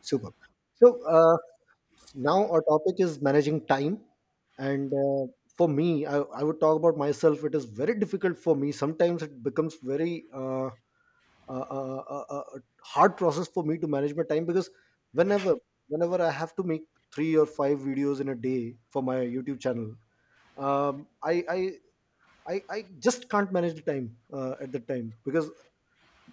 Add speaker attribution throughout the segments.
Speaker 1: Super. So uh, now our topic is managing time, and for me, I would talk about myself. It is very difficult for me. Sometimes it becomes very hard process for me to manage my time because whenever whenever I have to make three or five videos in a day for my YouTube channel, um, I, I I just can't manage the time at that time because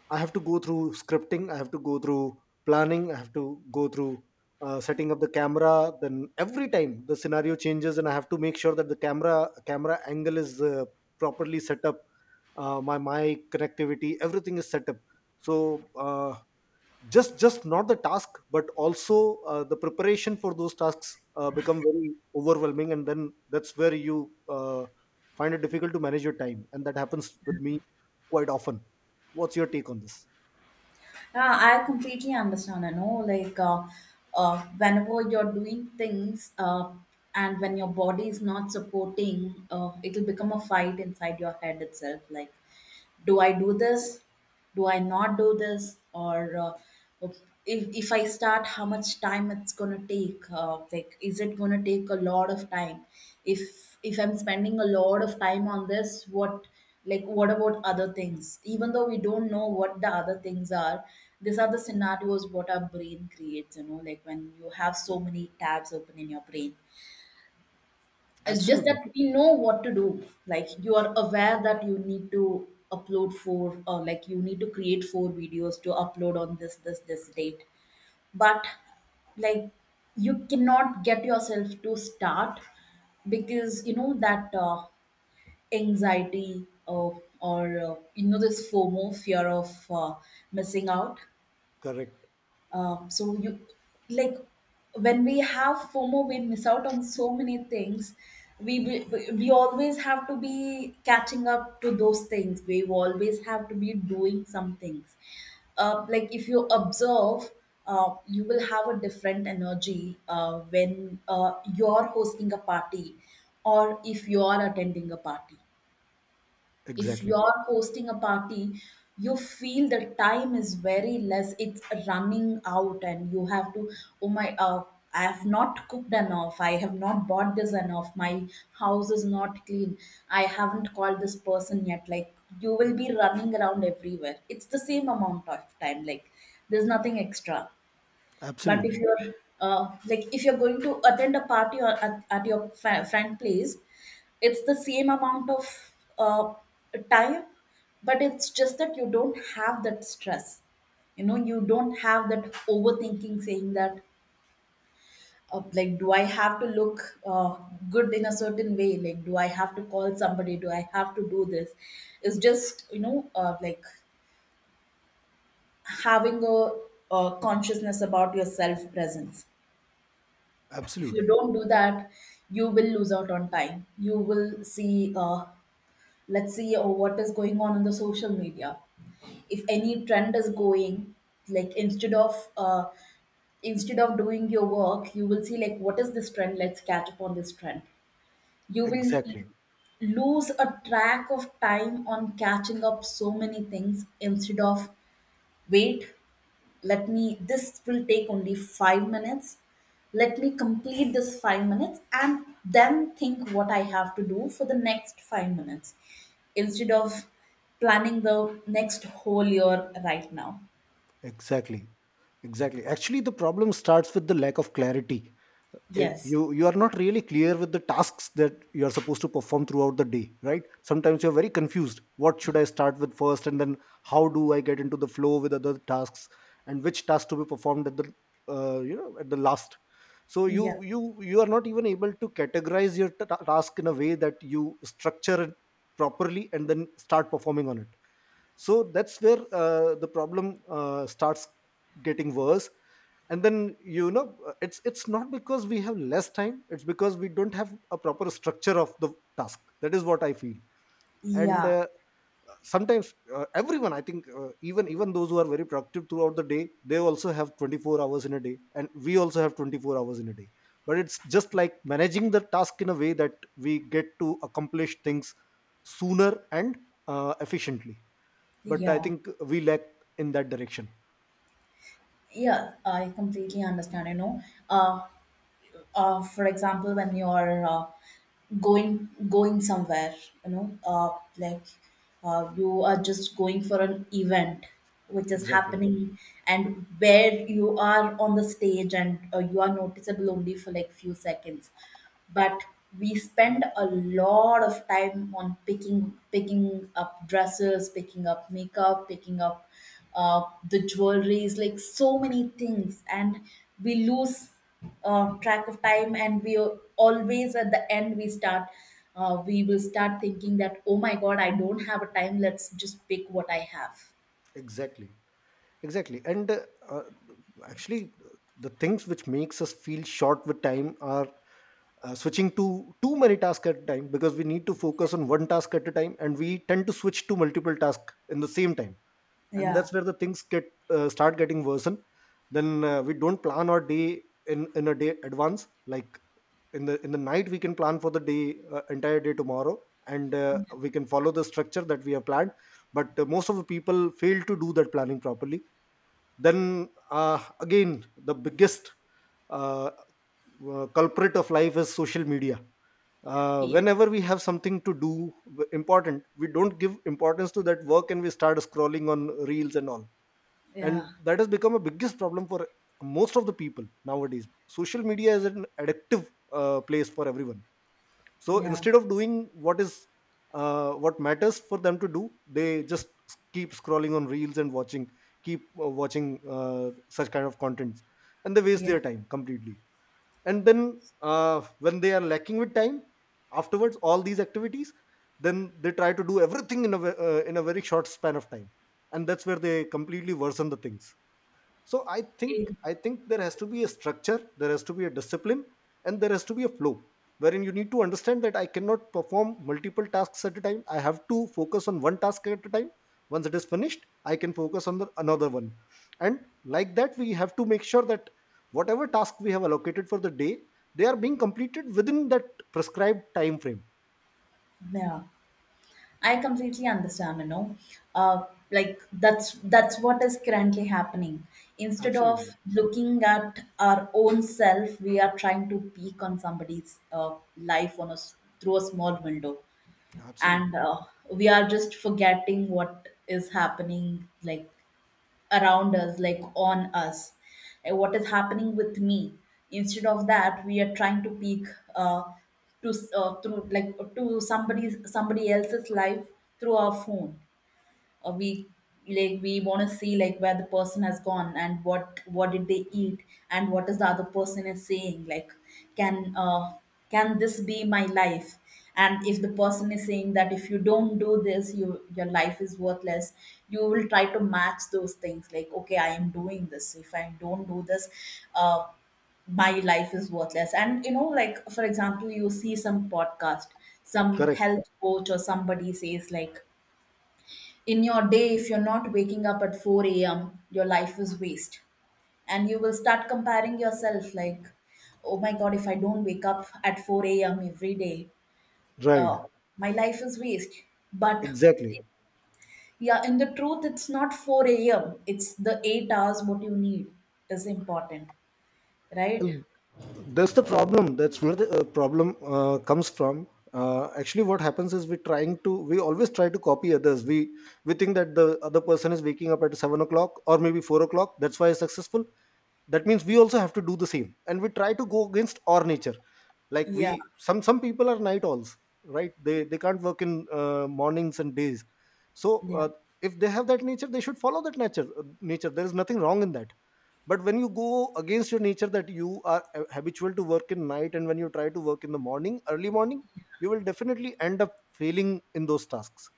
Speaker 1: I have to go through scripting, I have to go through planning, I have to go through setting up the camera. Then every time the scenario changes, and I have to make sure that the camera angle is properly set up. My mic connectivity, everything is set up. So uh, just not the task, but also the preparation for those tasks become very overwhelming, and then that's where you find it difficult to manage your time, and that happens with me quite often. What's your take on this?
Speaker 2: Yeah, I completely understand. I know, like, whenever you're doing things, and when your body is not supporting, it'll become a fight inside your head itself. Like, do I do this? Do I not do this? Or if I start, how much time it's gonna take? Like, is it gonna take a lot of time? If I'm spending a lot of time on this, what? Like, what about other things, even though we don't know what the other things are? These are the scenarios what our brain creates, you know, like when you have so many tabs open in your brain. It's just that
Speaker 1: Absolutely.
Speaker 2: we know what to do. Like, you are aware that you need to upload four, or like you need to create four videos to upload on this this this date, but like you cannot get yourself to start, because you know that anxiety, or you know, this FOMO, fear of missing out.
Speaker 1: Correct.
Speaker 2: So you like when we have FOMO, we miss out on so many things. We, we always have to be catching up to those things. We always have to be doing some things. Like, if you observe, you will have a different energy when you're hosting a party or if you are attending a party. If
Speaker 1: Exactly.
Speaker 2: you're hosting a party, you feel the time is very less, it's running out, and you have to, oh my I have not cooked enough, I have not bought this enough, my house is not clean, I haven't called this person yet. Like, you will be running around everywhere. It's the same amount of time, like there's nothing extra. But if
Speaker 1: Absolutely.
Speaker 2: you're like if you're going to attend a party or at your friend place, it's the same amount of time, but it's just that you don't have that stress. You know, you don't have that overthinking saying that, like, do I have to look good in a certain way? Like, do I have to call somebody? Do I have to do this? It's just, you know, like, having a consciousness about your self presence. If you
Speaker 1: Absolutely.
Speaker 2: don't do that, you will lose out on time. You will see, let's see, oh, what is going on in the social media. If any trend is going, like, instead of instead of doing your work, you will see like what is this trend, let's catch up on this trend. You will
Speaker 1: Exactly.
Speaker 2: lose a track of time on catching up so many things, instead of, wait, let me, this will take only 5 minutes. Let me complete this 5 minutes and then think what I have to do for the next 5 minutes, instead of planning the next whole year right now.
Speaker 1: Exactly. Exactly. Actually, the problem starts with the lack of clarity.
Speaker 2: Yes.
Speaker 1: You are not really clear with the tasks that you are supposed to perform throughout the day, right? Sometimes you're very confused what should I start with first, and then how do I get into the flow with other tasks and which task to be performed at the you know, at the last. So you
Speaker 2: Yeah,
Speaker 1: you you are not even able to categorize your task in a way that you structure it properly and then start performing on it. So that's where the problem starts getting worse. And then, you know, it's not because we have less time, it's because we don't have a proper structure of the task. That is what I feel. And
Speaker 2: yeah,
Speaker 1: sometimes everyone, I think, even those who are very productive throughout the day, they also have 24 hours in a day and we also have 24 hours in a day. But it's just like managing the task in a way that we get to accomplish things sooner and efficiently. But I
Speaker 2: yeah,
Speaker 1: think we lack in that direction.
Speaker 2: yeah, I completely understand, you know. uh, for example, when you're going somewhere, you know, like, you are just going for an event which is
Speaker 1: Exactly.
Speaker 2: happening, and where you are on the stage and you are noticeable only for like few seconds. But we spend a lot of time on picking up dresses, picking up makeup, picking up uh, the jewelries, like so many things, and we lose track of time, and we are always at the end. We start, we will start thinking that, oh my god, I don't have a time, let's just pick what I have.
Speaker 1: Exactly. exactly and uh, actually the things which makes us feel short with time are switching to too many tasks at a time, because we need to focus on one task at a time and we tend to switch to multiple tasks in the same time. And
Speaker 2: Yeah.
Speaker 1: that's where the things get start getting worsened. Then we don't plan our day in a day advance. Like in the night, we can plan for the day, entire day tomorrow, and we can follow the structure that we have planned. But most of the people fail to do that planning properly. Then again, the biggest uh, culprit of life is social media. Uh,
Speaker 2: Yeah.
Speaker 1: whenever we have something to do, important, we don't give importance to that work and we start scrolling on reels and all. And
Speaker 2: Yeah.
Speaker 1: that has become a biggest problem for most of the people nowadays. Social media is an addictive place for everyone. So
Speaker 2: Yeah.
Speaker 1: instead of doing what matters for them to do, they just keep scrolling on reels and watching, keep watching such kind of contents, and they waste
Speaker 2: Yeah.
Speaker 1: their time completely. And then when they are lacking with time afterwards all these activities, then they try to do everything in a in a very short span of time, and that's where they completely worsen the things. so i think
Speaker 2: Eh.
Speaker 1: i think there has to be a structure, there has to be a discipline, and there has to be a flow wherein you need to understand that I cannot perform multiple tasks at a time, I have to focus on one task at a time. Once it is finished, I can focus on the another one. And like that, we have to make sure that whatever task we have allocated for the day, they are being completed within that prescribed time frame.
Speaker 2: Yeah. I completely understand, you know. Uh, like, that's what is currently happening. Instead of
Speaker 1: Absolutely.
Speaker 2: looking at our own self, we are trying to peek on somebody's life on through a small window, and
Speaker 1: Absolutely.
Speaker 2: we are just forgetting what is happening, like around us, like on us, like what is happening with me. Instead of that, we are trying to peek uh, through, like, to somebody's somebody else's life through our phone. Or we, like we want to see like where the person has gone and what did they eat, and what is the other person is saying. Like, can uh, can this be my life? And if the person is saying that if you don't do this, you, your life is worthless, you will try to match those things like, okay, I am doing this, if I don't do this, uh, my life is worthless. And you know, like, for example, you see some podcast, some
Speaker 1: Correct.
Speaker 2: health coach or somebody says like, in your day if you're not waking up at 4 a.m., your life is waste. And you will start comparing yourself like, oh my god, if I don't wake up at 4 a.m. every day, uh,
Speaker 1: Right.
Speaker 2: my life is waste. But
Speaker 1: Exactly.
Speaker 2: yeah, in the truth it's not 4 a.m., it's the 8 hours what you need is important, right?
Speaker 1: And that's the problem. That's where the problem comes from. Actually, what happens is we always try to copy others. We think that the other person is waking up at 7 o'clock or maybe 4 o'clock. That's why he's successful. That means we also have to do the same, and we try to go against our nature. Like
Speaker 2: Yeah.
Speaker 1: we, some people are night owls, right? They can't work in mornings and days. So
Speaker 2: Yeah.
Speaker 1: if they have that nature, they should follow that nature. Nature. There is nothing wrong in that. But when you go against your nature, that you are habitual to work in night, and when you try to work in the morning, early morning, you will definitely end up failing in those tasks.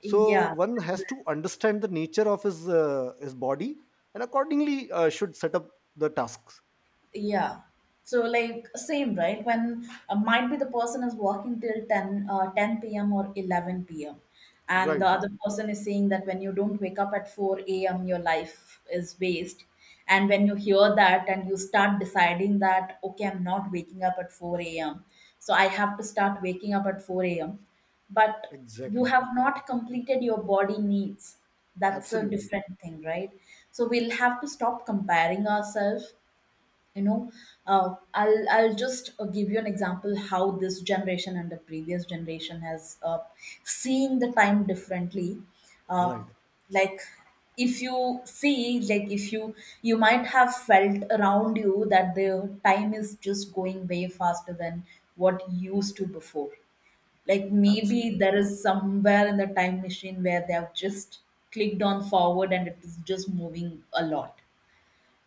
Speaker 1: So
Speaker 2: Yeah.
Speaker 1: one has to understand the nature of his body, and accordingly should set up the tasks.
Speaker 2: Yeah. So, like, same, right? When might be the person is working till 10 p.m. or 11 p.m., and the
Speaker 1: Right.
Speaker 2: other person is saying that when you don't wake up at 4 a.m, your life is waste, and when you hear that and you start deciding that, okay, I'm not waking up at 4 a.m, so I have to start waking up at 4 a.m. But you
Speaker 1: Exactly.
Speaker 2: have not completed your body needs, that's a
Speaker 1: Absolutely.
Speaker 2: different thing, right? So we'll have to stop comparing ourselves, you know. I'll just give you an example how this generation and the previous generation has seen the time differently. uh,
Speaker 1: Right.
Speaker 2: like, if you see, like, if you, you might have felt around you that the time is just going way faster than what used to before. Like, maybe
Speaker 1: Absolutely.
Speaker 2: there is somewhere in the time machine where they have just clicked on forward, and it is just moving a lot,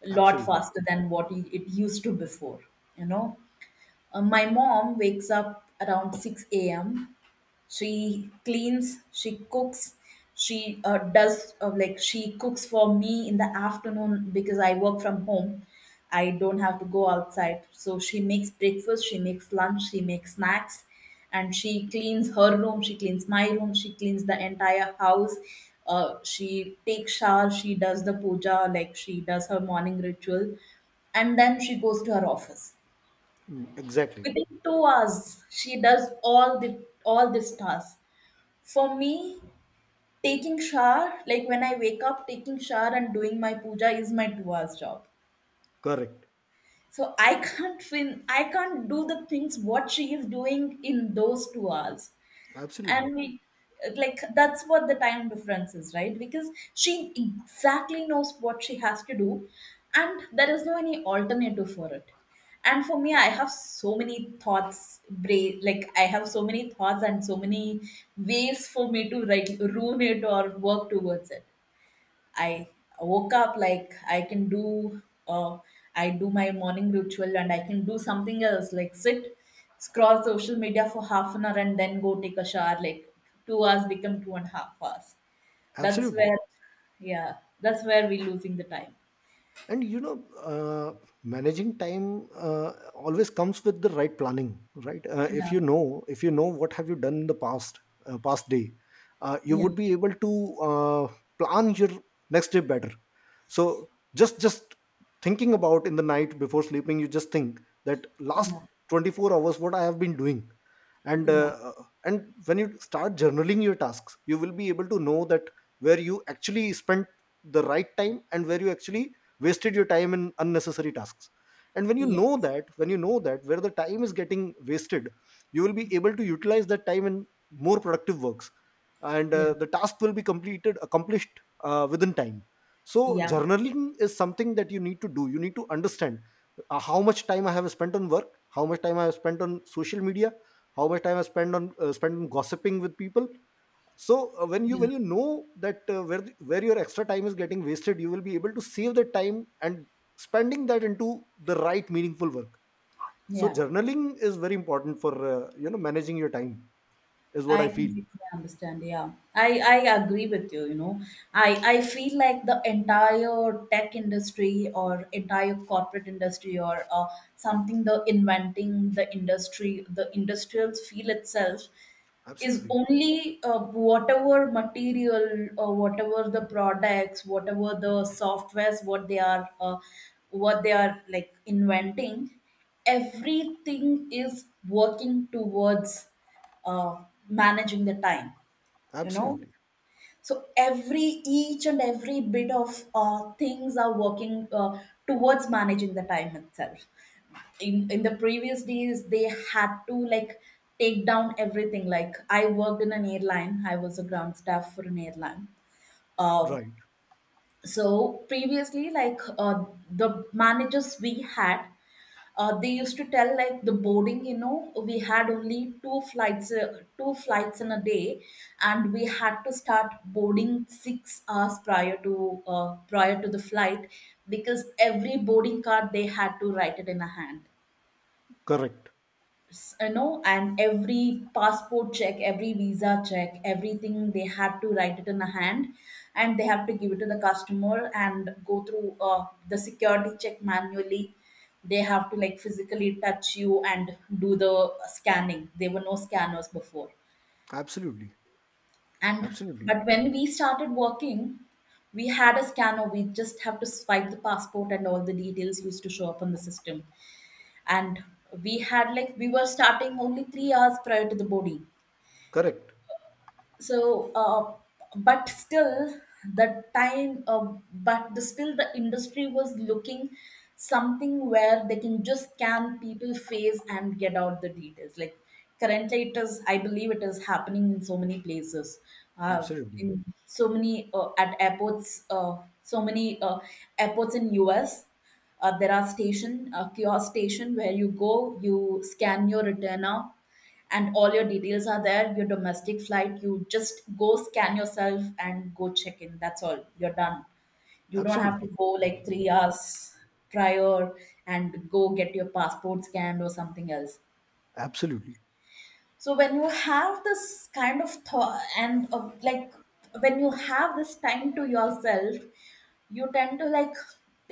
Speaker 2: a lot
Speaker 1: Absolutely.
Speaker 2: faster than what it used to before, you know? My mom wakes up around 6 a.m. She cleans, she cooks, she does, like, she cooks for me in the afternoon because I work from home. I don't have to go outside. So she makes breakfast, she makes lunch, she makes snacks, and she cleans her room, she cleans my room, she cleans the entire house. She takes shower, she does the puja, like she does her morning ritual, and then she goes to her office.
Speaker 1: Mm. Exactly.
Speaker 2: Within 2 hours she does all the, all this task. For me, taking shower, like when I wake up, taking shower and doing my puja is my 2 hours job.
Speaker 1: Correct.
Speaker 2: So I can't I can't do the things what she is doing in those 2 hours.
Speaker 1: Absolutely.
Speaker 2: And we, like, that's what the time difference is, right? Because she exactly knows what she has to do, and there is no any alternative for it. And for me, I have so many thoughts, like, I have so many thoughts and so many ways for me to, like, ruin it or work towards it. I woke up, like, I can do, uh, I do my morning ritual, and I can do something else, like sit, scroll social media for half an hour, and then go take a shower. Like, 2 hours become 2.5 hours. That's
Speaker 1: Absolutely.
Speaker 2: where, yeah, that's where we're losing the time.
Speaker 1: And you know, uh, managing time always comes with the right planning, right? Uh, if
Speaker 2: Yeah.
Speaker 1: you know, if you know what have you done in the past, past day, you
Speaker 2: Yeah.
Speaker 1: would be able to uh, plan your next day better. So, just thinking about in the night before sleeping, you just think that last
Speaker 2: Yeah.
Speaker 1: 24 hours what I have been doing. and
Speaker 2: Yeah.
Speaker 1: uh, uh, and when you start journaling your tasks, you will be able to know that where you actually spent the right time and where you actually wasted your time in unnecessary tasks. And when you know
Speaker 2: Yes.
Speaker 1: that, when you know that where the time is getting wasted, you will be able to utilize that time in more productive works, and
Speaker 2: Yeah,
Speaker 1: the task will be completed, accomplished within time. So
Speaker 2: yeah,
Speaker 1: journaling is something that you need to do. You need to understand how much time I have spent on work, how much time I have spent on social media, how much time I spend on spent on gossiping with people. So when you,
Speaker 2: yeah,
Speaker 1: when you know that where the, where your extra time is getting wasted, you will be able to save that time and spending that into the right meaningful work. So
Speaker 2: yeah.
Speaker 1: journaling is very important for you know, managing your time, is what
Speaker 2: I
Speaker 1: I feel.
Speaker 2: completely understand. Yeah, I agree with you. You know, I feel like the entire tech industry or entire corporate industry or something the inventing the industry the industrials feel itself is
Speaker 1: Absolutely.
Speaker 2: only whatever material or whatever the products whatever the softwares what they are like inventing. Everything is working towards uh, managing the time, you know.
Speaker 1: Absolutely.
Speaker 2: So every each and every bit of things are working towards managing the time itself. In the previous days they had to like take down everything. Like I worked in an airline, I was a ground staff for an airline. um
Speaker 1: Right.
Speaker 2: so previously, the managers we had, they used to tell like the boarding, you know, we had only two flights, two flights in a day, and we had to start boarding 6 hours prior to prior to the flight, because every boarding card they had to write it in a hand.
Speaker 1: Correct.
Speaker 2: You know, and every passport check, every visa check, everything they had to write it in a hand, and they have to give it to the customer and go through the security check manually. They have to like physically touch you and do the scanning. There were no scanners before.
Speaker 1: Absolutely.
Speaker 2: And
Speaker 1: Absolutely.
Speaker 2: But when we started working, we had a scanner, we just have to swipe the passport and all the details used to show up on the system. And we had like we were starting only 3 hours prior to the boarding.
Speaker 1: Correct.
Speaker 2: So but still the time, still the industry was looking something where they can just scan people face and get out the details. Like currently it is, I believe it is happening in so many places, uh, in
Speaker 1: Absolutely.
Speaker 2: so many at airports, so many airports in us. There are station, kiosk station where you go, you scan your return now, and all your details are there. Your domestic flight, you just go scan yourself and go check in, that's all, you're done. You don't have to
Speaker 1: Absolutely.
Speaker 2: go like 3 hours prior and go get your passport scanned or something else.
Speaker 1: Absolutely.
Speaker 2: So when you have this kind of thought, and like when you have this time to yourself, you tend to like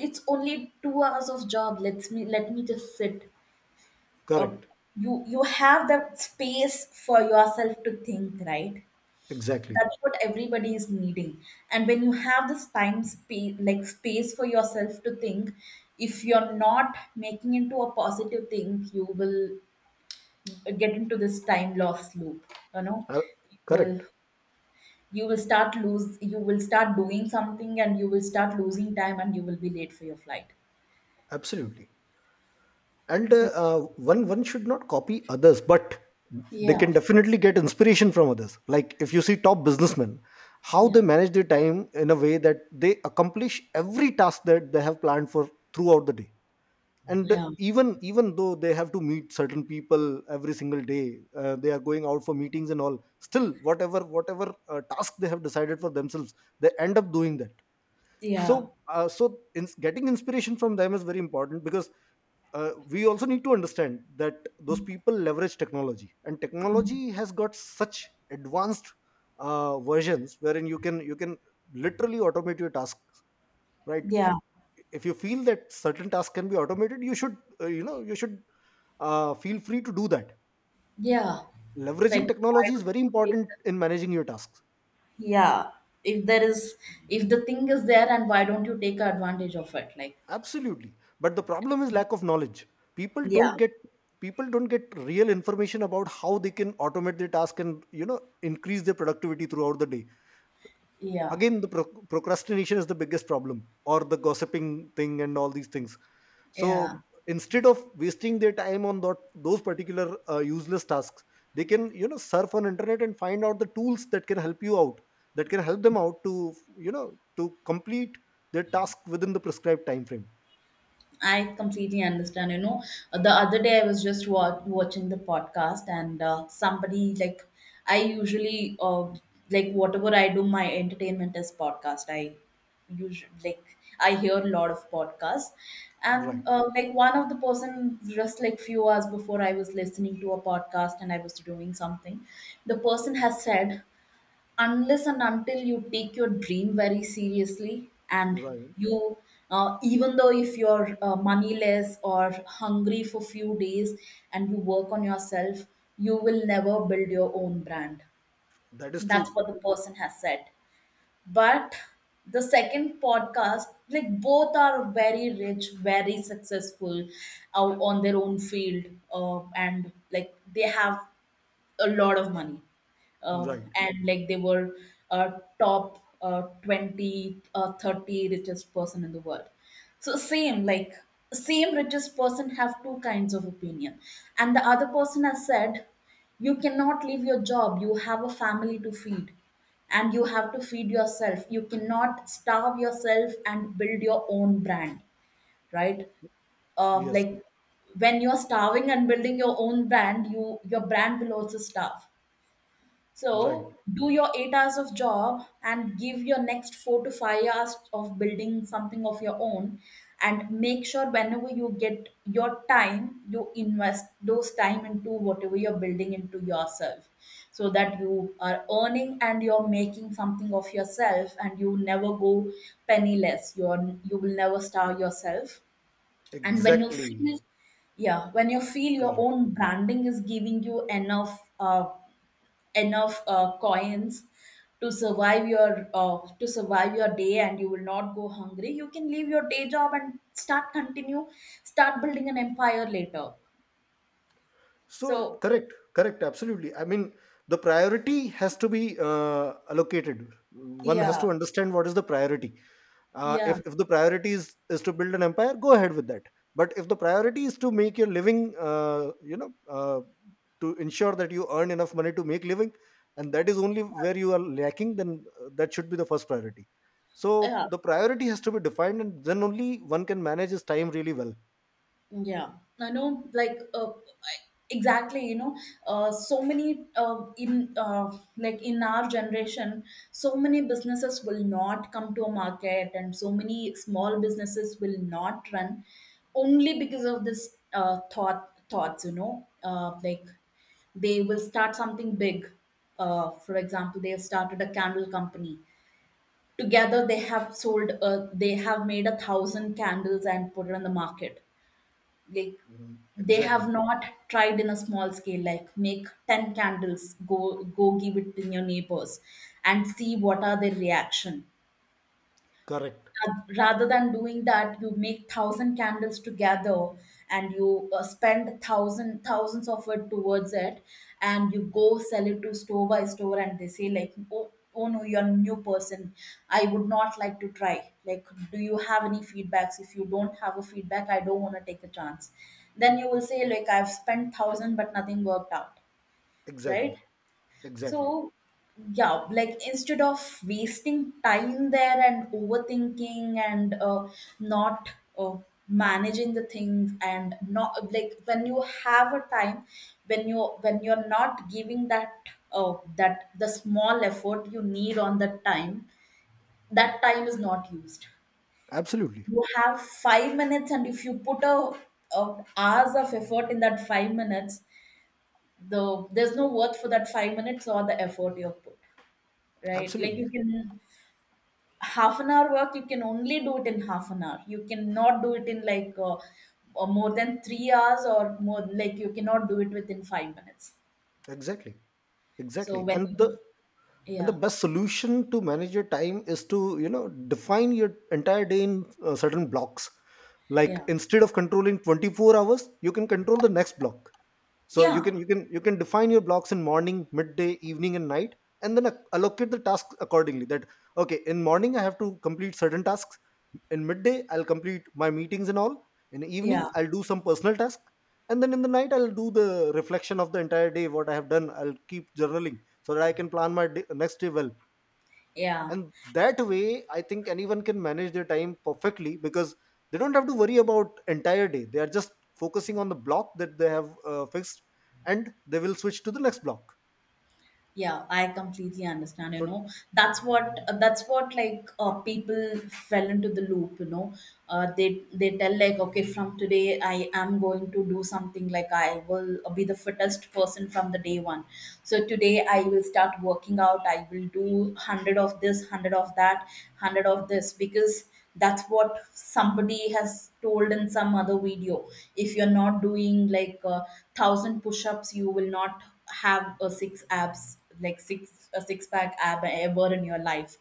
Speaker 2: it's only 2 hours of job, let me just sit. uh,
Speaker 1: Correct.
Speaker 2: you you have that space for yourself to think, right?
Speaker 1: Exactly.
Speaker 2: That's what everybody is needing. And when you have this time space, like space for yourself to think, if you're not making into a positive thing, you will get into this time loss loop, you know.
Speaker 1: Uh,
Speaker 2: you will
Speaker 1: correct.
Speaker 2: you will start lose, you will start doing something and you will start losing time and you will be late for your flight.
Speaker 1: Absolutely. And
Speaker 2: So
Speaker 1: uh, uh, one one should not copy others, but they
Speaker 2: yeah,
Speaker 1: can definitely get inspiration from others. Like if you see top businessmen, how they
Speaker 2: yeah,
Speaker 1: manage their time in a way that they accomplish every task that they have planned for throughout the day. And
Speaker 2: yeah,
Speaker 1: even though they have to meet certain people every single day, they are going out for meetings and all, still whatever task they have decided for themselves, they end up doing that.
Speaker 2: yeah,
Speaker 1: So getting inspiration from them is very important, because we also need to understand that those people leverage technology, and technology has got such advanced versions wherein you can literally automate your tasks, right?
Speaker 2: yeah.
Speaker 1: If you feel that certain tasks can be automated, you should, you know, you should feel free to do that.
Speaker 2: Yeah,
Speaker 1: Leveraging
Speaker 2: like why
Speaker 1: technology is
Speaker 2: don't
Speaker 1: very
Speaker 2: you take
Speaker 1: important
Speaker 2: the,
Speaker 1: in managing your tasks.
Speaker 2: yeah, if there is, if the thing is there, and why don't you take advantage of it? Like,
Speaker 1: Absolutely. But the problem is lack of knowledge. People don't
Speaker 2: yeah,
Speaker 1: get, people don't get real information about how they can automate their task and, you know, increase their productivity throughout the day.
Speaker 2: yeah,
Speaker 1: Again, the procrastination is the biggest problem, or the gossiping thing and all these things.
Speaker 2: yeah.
Speaker 1: So instead of wasting their time on that, those particular useless tasks, they can, you know, surf on internet and find out the tools that can help you out, that can help them out to, you know, to complete their task within the prescribed time frame.
Speaker 2: I completely understand. You know, the other day I was just watching the podcast, and somebody like, I usually like whatever I do, my entertainment is podcast. I usually like I hear a lot of podcasts,
Speaker 1: Right.
Speaker 2: and like one of the person, just like few hours before I was listening to a podcast and I was doing something, the person has said, unless and until you take your dream very seriously and
Speaker 1: Right.
Speaker 2: you, even though if you're moneyless or hungry for few days, and you work on yourself, you will never build your own brand.
Speaker 1: That is
Speaker 2: That's
Speaker 1: true.
Speaker 2: what the person has said. But the second podcast, like both are very rich, very successful out on their own field, and like they have a lot of money,
Speaker 1: Right.
Speaker 2: and like they were top, 20, 30 richest person in the world. So same like same richest person have two kinds of opinion. And the other person has said, you cannot leave your job, you have a family to feed, and you have to feed yourself, you cannot starve yourself and build your own brand, right?
Speaker 1: Yes.
Speaker 2: Like when you're starving and building your own brand, your brand will also starve.
Speaker 1: Right.
Speaker 2: So do your 8 hours of job and give your next 4 to 5 hours of building something of your own, and make sure whenever you get your time, you invest those time into whatever you're building into yourself, so that you are earning and you're making something of yourself, and you never go penniless. You will never starve yourself. And when you
Speaker 1: Exactly.
Speaker 2: feel, yeah, when you feel your
Speaker 1: Correct.
Speaker 2: own branding is giving you enough, uh, enough coins to survive your, to survive your day, and you will not go hungry, you can leave your day job and start continue start building an empire later.
Speaker 1: So
Speaker 2: So
Speaker 1: correct, correct, absolutely. I mean, the priority has to be allocated. One has
Speaker 2: yeah,
Speaker 1: to understand what is the priority.
Speaker 2: yeah,
Speaker 1: If the priority is to build an empire, go ahead with that. But if the priority is to make your living, you know, to ensure that you earn enough money to make living, and that is only where you are lacking, then that should be the first priority. So
Speaker 2: yeah.
Speaker 1: the priority has to be defined, and then only one can manage his time really well.
Speaker 2: Yeah, I know, like, exactly, you know, so many, like in our generation, so many businesses will not come to a market and so many small businesses will not run only because of this, thoughts, you know, like they will start something big. For example, they have started a candle company. Together, they have sold, they have made a thousand candles and put it on the market, like
Speaker 1: Mhm.
Speaker 2: they have
Speaker 1: Exactly,
Speaker 2: not tried in a small scale. Like make 10 candles, go go give it to your neighbors and see what are their reaction.
Speaker 1: correct,
Speaker 2: Rather than doing that, you make thousand candles together, and you spend thousand thousands of it towards it, and you go sell it to store by store, and they say like, oh, oh no, you're a new person, I would not like to try. Like, do you have any feedbacks? If you don't have a feedback, I don't want to take a chance. Then you will say like, I've spent thousand but nothing worked out, right?
Speaker 1: exactly. Exactly.
Speaker 2: So, yeah, like instead of wasting time there and overthinking and not uh, managing the things, and not like when you have a time, when you when you're not giving that, that the small effort you need on that time, that time is not used.
Speaker 1: Absolutely.
Speaker 2: You have 5 minutes, and if you put a hours of effort in that 5 minutes, there's no worth for that 5 minutes or the effort you have put, right? Like
Speaker 1: Absolutely.
Speaker 2: you can half an hour work, you can only do it in half an hour. You cannot do it in like more than 3 hours or more. Like you cannot do it within 5 minutes.
Speaker 1: Exactly.
Speaker 2: So
Speaker 1: Exactly.
Speaker 2: when you,
Speaker 1: And the
Speaker 2: yeah,
Speaker 1: best solution to manage your time is to define your entire day in certain blocks. Like
Speaker 2: yeah,
Speaker 1: instead of controlling 24 hours, you can control the next block. So you
Speaker 2: yeah,
Speaker 1: can you can you can define your blocks in morning, midday, evening and night, and then allocate the tasks accordingly that okay, in morning I have to complete certain tasks, in midday I'll complete my meetings and all, in evening
Speaker 2: yeah,
Speaker 1: I'll do some personal task, and then in the night I'll do the reflection of the entire day what I have done. I'll keep journaling so that I can plan my day, next day well.
Speaker 2: yeah.
Speaker 1: And that way I think anyone can manage their time perfectly because they don't have to worry about entire day, they are just focusing on the block that they have fixed, and they will switch to the next block.
Speaker 2: Yeah, I completely understand, you
Speaker 1: So
Speaker 2: know. That's what, that's what like, people fell into the loop, you know. They tell like, okay, from today I am going to do something, like I will be the fittest person from the day one. So today I will start working out, I will do 100 of this, 100 of that, 100 of this, because that's what somebody has told in some other video. If you're not doing like a thousand push-ups, you will not have a six abs, like six, a six pack ab ever in your life.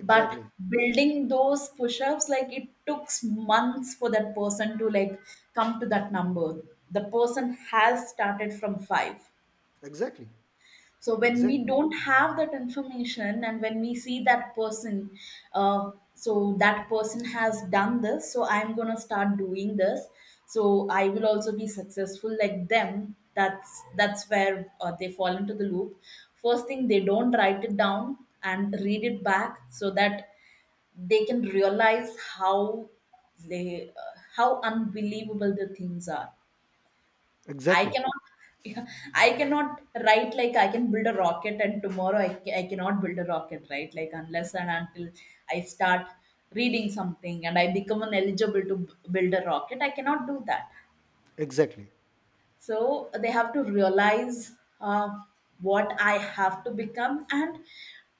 Speaker 2: But building those push-ups, like it took months for that person to like come to that number. The person has started from five.
Speaker 1: exactly,
Speaker 2: So when we
Speaker 1: exactly,
Speaker 2: don't have that information and when we see that person, so that person has done this, so I'm gonna start doing this. So I will also be successful like them. That's where they fall into the loop. First thing, they don't write it down and read it back so that they can realize how they how unbelievable the things are. I
Speaker 1: exactly,
Speaker 2: cannot, I cannot write like I can build a rocket and tomorrow I, I cannot build a rocket, right? Like unless and until I start reading something and I become an eligible to build a rocket, I cannot do that.
Speaker 1: exactly,
Speaker 2: So they have to realize uh, what I have to become, and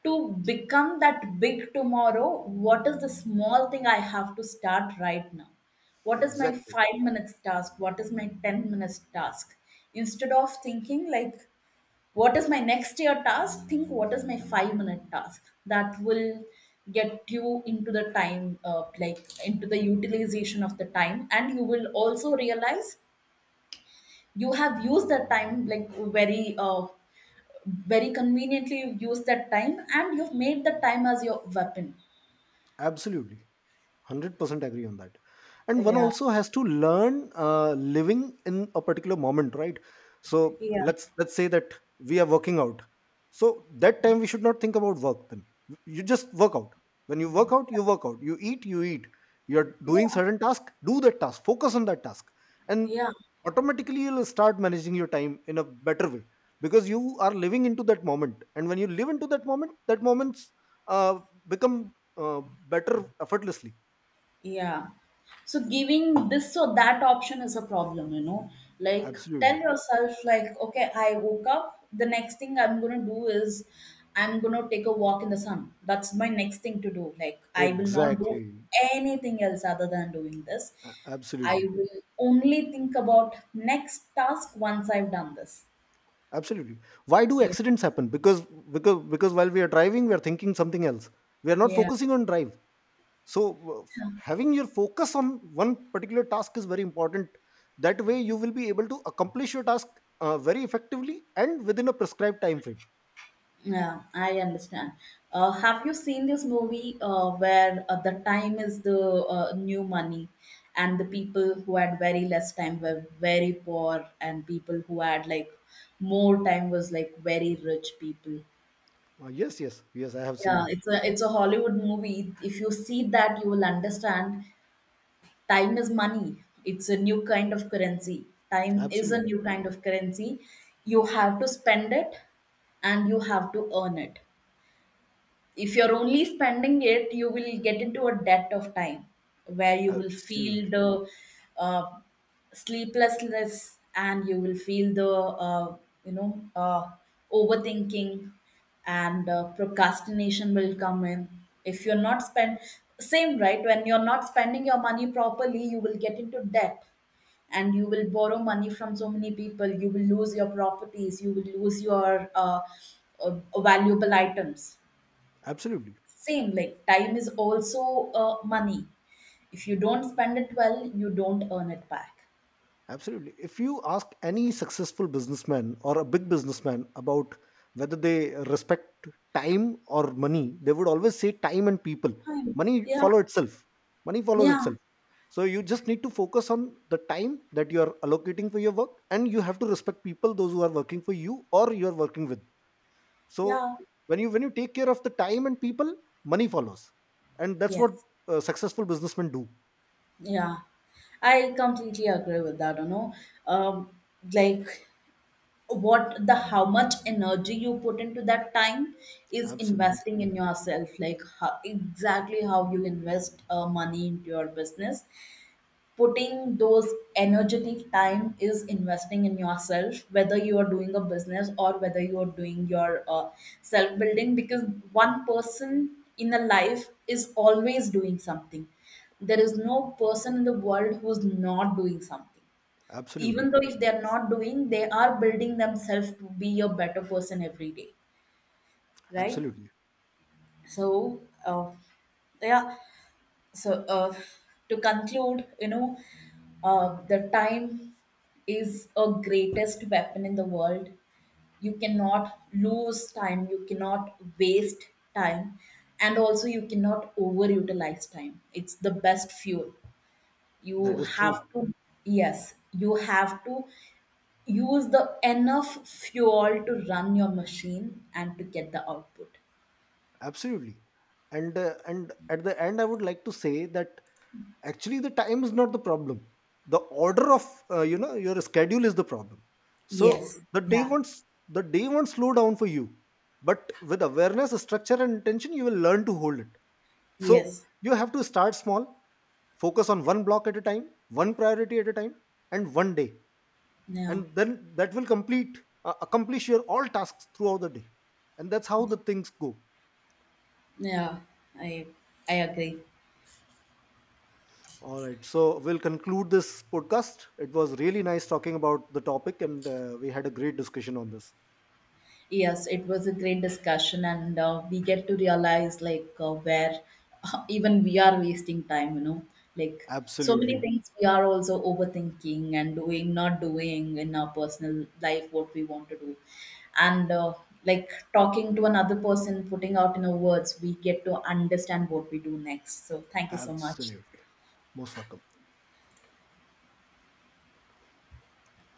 Speaker 2: to become that big tomorrow, what is the small thing I have to start right now. What is my
Speaker 1: exactly,
Speaker 2: 5 minutes task, what is my 10 minutes task. Instead of thinking like what is my next year task, think what is my 5-minute task. That will get you into the time, like into the utilization of the time, and you will also realize you have used that time like very very conveniently. You've used that time and you've made the time as your weapon.
Speaker 1: absolutely, 100% agree on that. And one
Speaker 2: Yeah,
Speaker 1: also has to learn uh, living in a particular moment, right? So
Speaker 2: yeah,
Speaker 1: let's say that we are working out, so that time we should not think about work then. You just work out. When you work out, you work out. You eat, you eat. You're doing
Speaker 2: yeah,
Speaker 1: certain task, do that task, focus on that task, and
Speaker 2: yeah.
Speaker 1: automatically you'll start managing your time in a better way, because you are living into that moment, and when you live into that moment, that moments uh, become uh, better effortlessly.
Speaker 2: Yeah. So giving this or that option is a problem, you know. Like tell
Speaker 1: Absolutely.
Speaker 2: yourself, like, okay, I woke up, the next thing I'm gonna do is I'm gonna take a walk in the sun. That's my next thing to do. Like I will not do
Speaker 1: Exactly.
Speaker 2: anything else other than doing this. I
Speaker 1: Absolutely.
Speaker 2: will only think about next task once I've done this.
Speaker 1: Absolutely. Why do
Speaker 2: Yeah.
Speaker 1: accidents happen? Because because while we are driving, we are thinking something else. We are not
Speaker 2: Yeah.
Speaker 1: focusing on drive. So having your focus on one particular task is very important. That way, you will be able to accomplish your task very effectively and within a prescribed time frame.
Speaker 2: Yeah, I understand. Have you seen this movie where the time is the, new money, and the people who had very less time were very poor, and people who had like more time was like very rich people.
Speaker 1: Yes, yes, yes. I have seen
Speaker 2: Yeah,
Speaker 1: it.
Speaker 2: it's a, it's a Hollywood movie. If you see that, you will understand. Time is money. It's a new kind of currency. Time is a
Speaker 1: Absolutely.
Speaker 2: new kind of currency. You have to spend it, and you have to earn it. If you're only spending it, you will get into a debt of time, where you will feel
Speaker 1: Absolutely.
Speaker 2: the uh, sleeplessness, and you will feel the you know, overthinking and procrastination will come in. If you're not spend, same right, when you're not spending your money properly, you will get into debt, and you will borrow money from so many people, you will lose your properties, you will lose your valuable items.
Speaker 1: Absolutely.
Speaker 2: Same like time is also money. If you don't spend it well, you don't earn it back.
Speaker 1: Absolutely. If you ask any successful businessman or a big businessman about whether they respect time or money, they would always say time and people.
Speaker 2: Time.
Speaker 1: Money
Speaker 2: Yeah,
Speaker 1: follow itself. Money follows
Speaker 2: yeah,
Speaker 1: itself. So you just need to focus on the time that you are allocating for your work, and you have to respect people those who are working for you or you are working with. So
Speaker 2: yeah,
Speaker 1: when you take care of the time and people, money follows. And that's what
Speaker 2: yes,
Speaker 1: successful businessmen do.
Speaker 2: yeah, I completely agree with that, you know. um, like what, the how much energy you put into that time is
Speaker 1: Absolutely.
Speaker 2: investing in yourself, like how, exactly how you invest money into your business. Putting those energetic time is investing in yourself, whether you are doing a business or whether you are doing your self building. Because one person in a life is always doing something. There is no person in the world who's not doing something.
Speaker 1: Absolutely.
Speaker 2: Even though if they're not doing, they are building themselves to be a better person every day, right?
Speaker 1: Absolutely.
Speaker 2: So uh, yeah. So to conclude, you know, the time is a greatest weapon in the world. You cannot lose time, you cannot waste time, and also you cannot overutilize time. It's the best fuel. You
Speaker 1: That is
Speaker 2: have
Speaker 1: true.
Speaker 2: to, yes, you have to use the enough fuel to run your machine and to get the output.
Speaker 1: Absolutely. And at the end, I would like to say that actually the time is not the problem. The order of your schedule is the problem.
Speaker 2: Yes.
Speaker 1: So the day
Speaker 2: Yeah.
Speaker 1: won't the day won't slow down for you, but with awareness, structure, and intention, you will learn to hold it. So
Speaker 2: Yes,
Speaker 1: you have to start small, focus on one block at a time, one priority at a time, and one day,
Speaker 2: yeah.
Speaker 1: and then that will complete accomplish your all tasks throughout the day, and that's how the things go.
Speaker 2: Yeah, I I agree.
Speaker 1: All right. So we'll conclude this podcast. It was really nice talking about the topic, and we had a great discussion on this.
Speaker 2: Yes, it was a great discussion, and we get to realize like where even we are wasting time. You know, like so many
Speaker 1: Absolutely.
Speaker 2: things we are also overthinking and doing, not doing in our personal life what we want to do, and like talking to another person, putting out in our words, we get to understand what we do next. So thank you so much.
Speaker 1: Absolutely. Most welcome.